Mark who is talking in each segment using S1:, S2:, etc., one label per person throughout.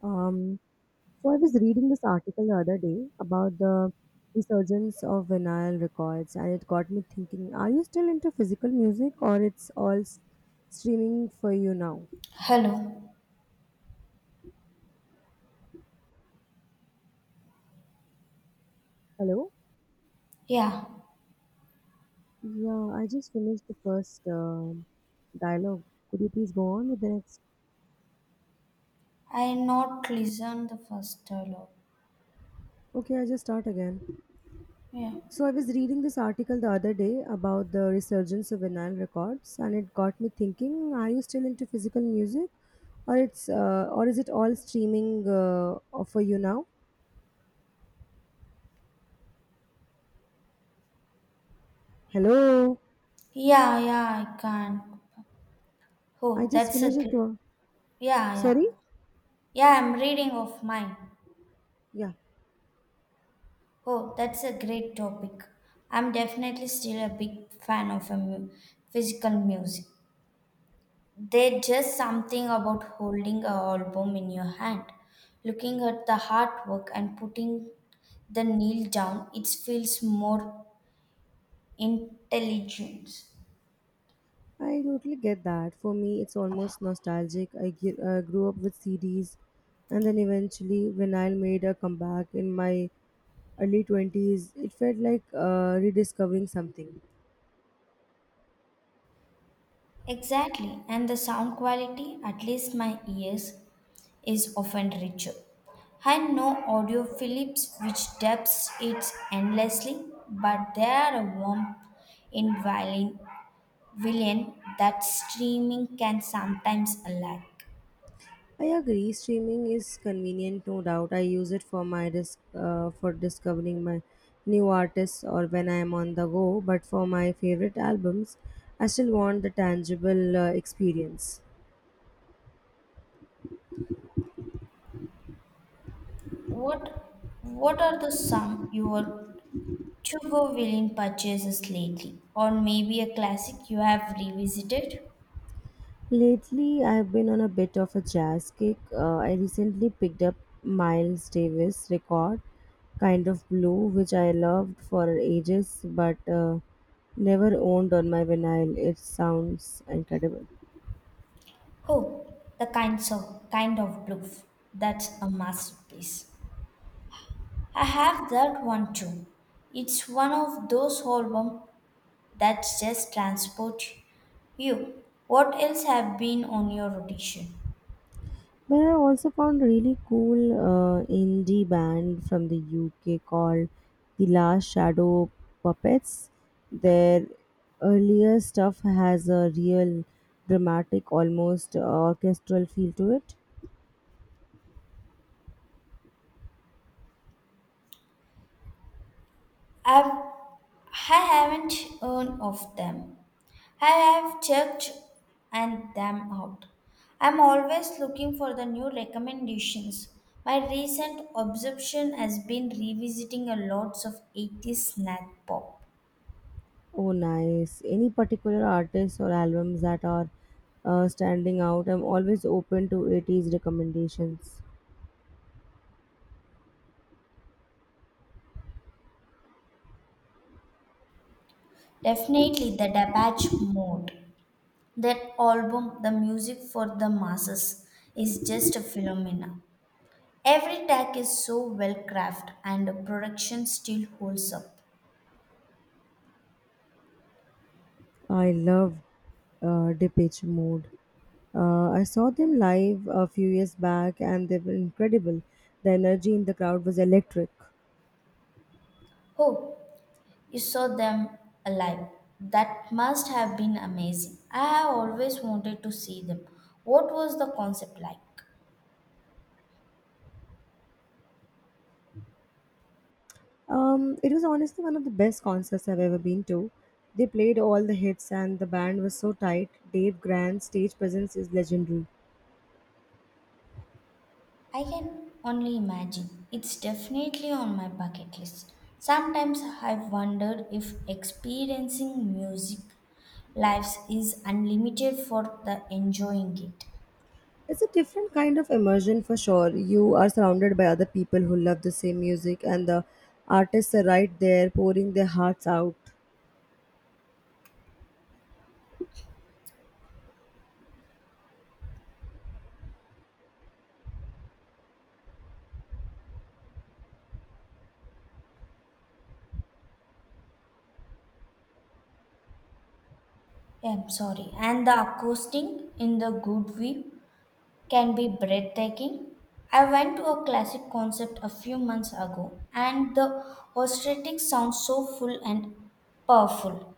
S1: Um, so I was reading this article the other day about the resurgence of vinyl records, and it got me thinking: are you still into physical music, or it's all streaming for you now?
S2: Hello.
S1: Hello.
S2: Yeah,
S1: Yeah, I just finished the first dialogue. Could you please go on with the next?
S2: I not listen the first dialogue.
S1: Okay, I just start again.
S2: Yeah.
S1: So I was reading this article the other day about the resurgence of vinyl records, and it got me thinking: are you still into physical music, or is it all streaming offer you now. Hello.
S2: Yeah, yeah, I can.
S1: I
S2: Oh,
S1: just
S2: that's a
S1: finished it
S2: great.
S1: uh,
S2: Yeah, yeah.
S1: Sorry.
S2: Yeah, I'm reading of mine.
S1: Yeah.
S2: Oh, that's a great topic. I'm definitely still a big fan of physical music. There's just something about holding a album in your hand, looking at the artwork and putting the nail down. It feels more intelligent.
S1: I totally get that. For me it's almost nostalgic. Grew up with CDs, and then eventually vinyl made a comeback in my early 20s. It felt like rediscovering something.
S2: Exactly, and the sound quality, at least my ears, is often richer. I know Audiophiles which depths it endlessly, but there are a warmth in violin, villain that streaming can sometimes lack.
S1: I agree. Streaming is convenient, no doubt. I use it for for discovering my new artists or when I am on the go. But for my favorite albums, I still want the tangible experience.
S2: What what are the some your to go villain purchases lately, or maybe a classic you have revisited?
S1: Lately, I've been on a bit of a jazz kick. I recently picked up Miles Davis' record, Kind of Blue, which I loved for ages, but never owned on my vinyl. It sounds incredible.
S2: Oh, the kinds of kind of bluff. That's a masterpiece. I have that one too. It's one of those albums that just transport you. What else have been on your rotation?
S1: But I also found really cool indie band from the UK called The Last Shadow Puppets. Their earlier stuff has a real dramatic, almost orchestral feel to it.
S2: I've I haven't heard of them. I have checked and them out. I'm always looking for the new recommendations. My recent obsession has been revisiting a lots of 80s snack pop.
S1: Oh, nice. Any particular artists or albums that are standing out? I'm always open to 80s recommendations.
S2: Definitely the Depeche Mode. That album, the music for the masses, is just a phenomena. Every track is so well crafted and the production still holds up.
S1: I love Depeche Mode. I saw them live a few years back and they were incredible. The energy in the crowd was electric.
S2: Oh, you saw them alive. That must have been amazing. I have always wanted to see them. What was the concept like?
S1: It was honestly one of the best concerts I've ever been to. They played all the hits and the band was so tight. Dave Grant's stage presence is legendary.
S2: I can only imagine. It's definitely on my bucket list. Sometimes I've wondered if experiencing music lives is unlimited for the enjoying it.
S1: It's a different kind of immersion for sure. You are surrounded by other people who love the same music, and the artists are right there pouring their hearts out.
S2: I'm sorry. And the acoustic in the good way can be breathtaking. I went to a classic concert a few months ago, and the orchestrating sounds so full and powerful.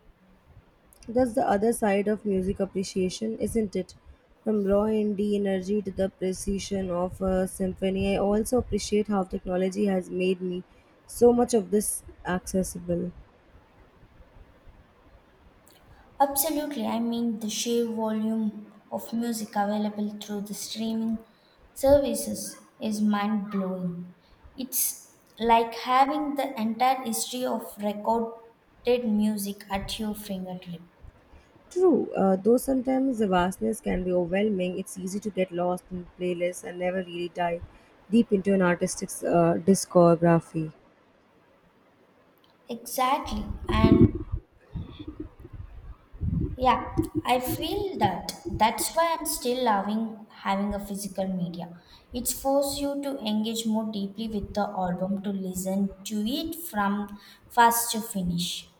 S1: That's the other side of music appreciation, isn't it? From raw indie energy to the precision of a symphony, I also appreciate how technology has made me so much of this accessible.
S2: Absolutely, I mean the sheer volume of music available through the streaming services is mind blowing. It's like having the entire history of recorded music at your fingertip.
S1: True, though sometimes the vastness can be overwhelming, it's easy to get lost in playlists and never really dive deep into an artist's discography.
S2: Exactly, and yeah, I feel that. That's why I'm still loving having a physical media. It forces you to engage more deeply with the album, to listen to it from first to finish.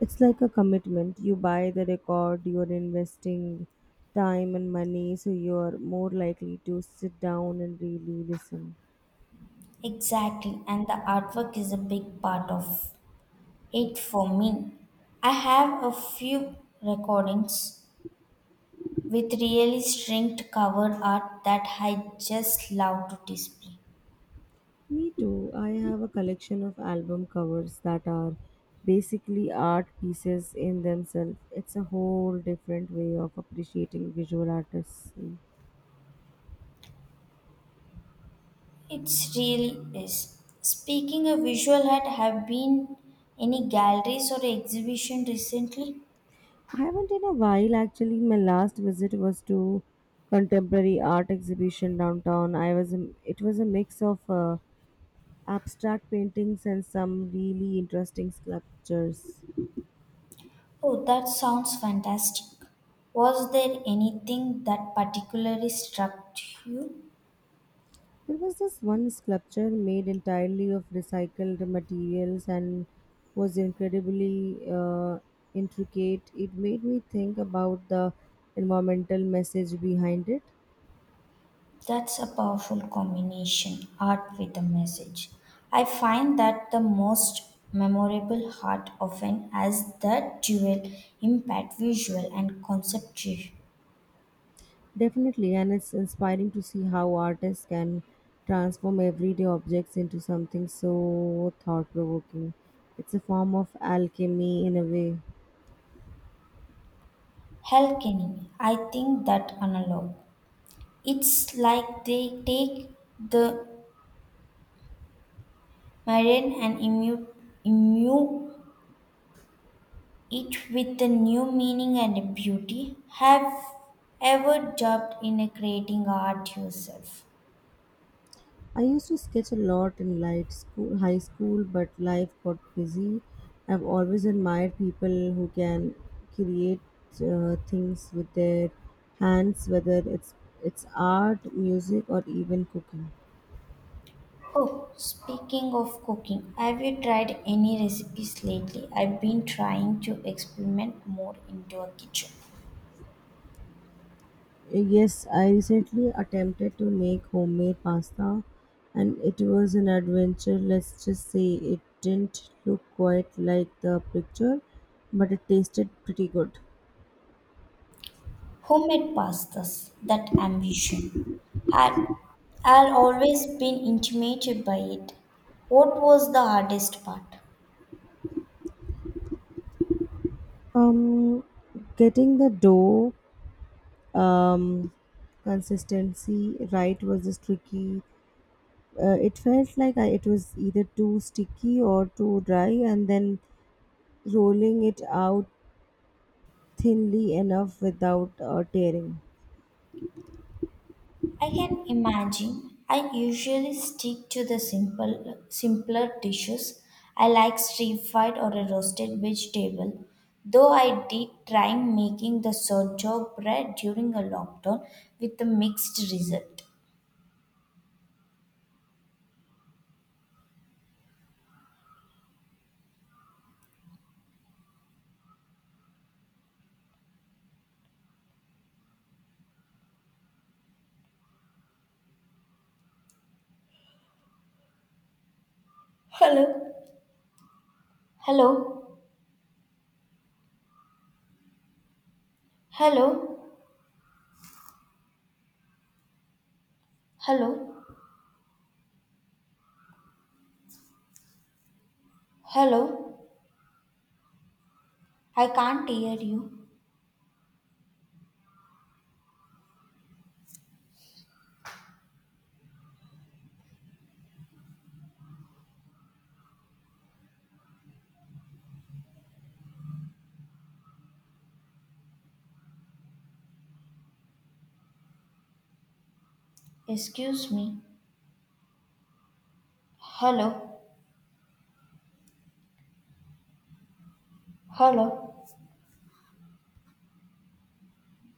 S1: It's like a commitment. You buy the record, you're investing time and money, so you're more likely to sit down and really listen.
S2: Exactly, and the artwork is a big part of it for me. I have a few recordings with really strict cover art that I just love to display.
S1: Me too. I have a collection of album covers that are basically art pieces in themselves. It's a whole different way of appreciating visual artists.
S2: It really is. Speaking of visual art, have been any galleries or exhibition recently?
S1: I haven't in a while actually. My last visit was to contemporary art exhibition downtown. It was a mix of abstract paintings and some really interesting sculptures.
S2: Oh, that sounds fantastic. Was there anything that particularly struck you?
S1: There was this one sculpture made entirely of recycled materials, and was incredibly intricate. It made me think about the environmental message behind it.
S2: That's a powerful combination, art with a message. I find that the most memorable art often has that dual impact, visual and conceptual.
S1: Definitely, and it's inspiring to see how artists can transform everyday objects into something so thought provoking. It's a form of alchemy in a way.
S2: Hell, Kenny, I think that analog. It's like they take the mundane and immune it with a new meaning and a beauty. Have ever dabbled in a creating art yourself?
S1: I used to sketch a lot in high school, but life got busy. I've always admired people who can create things with their hands, whether it's art, music, or even cooking.
S2: Oh, speaking of cooking, have you tried any recipes lately? I've been trying to experiment more into a kitchen.
S1: Yes, I recently attempted to make homemade pasta, and it was an adventure. Let's just say it didn't look quite like the picture, but it tasted pretty good.
S2: Homemade pastas, that ambition. Had I'd always been intimidated by it. What was the hardest part?
S1: Um, Getting the dough um, consistency right was just tricky. It felt like it was either too sticky or too dry, and then rolling it out thinly enough without tearing.
S2: I can imagine. I usually stick to the simpler dishes. I like stir fried or a roasted vegetable. Though I did try making the sourdough bread during a lockdown with a mixed result. Hello, hello, hello, hello, hello. I can't hear you. Excuse me. Hello, hello.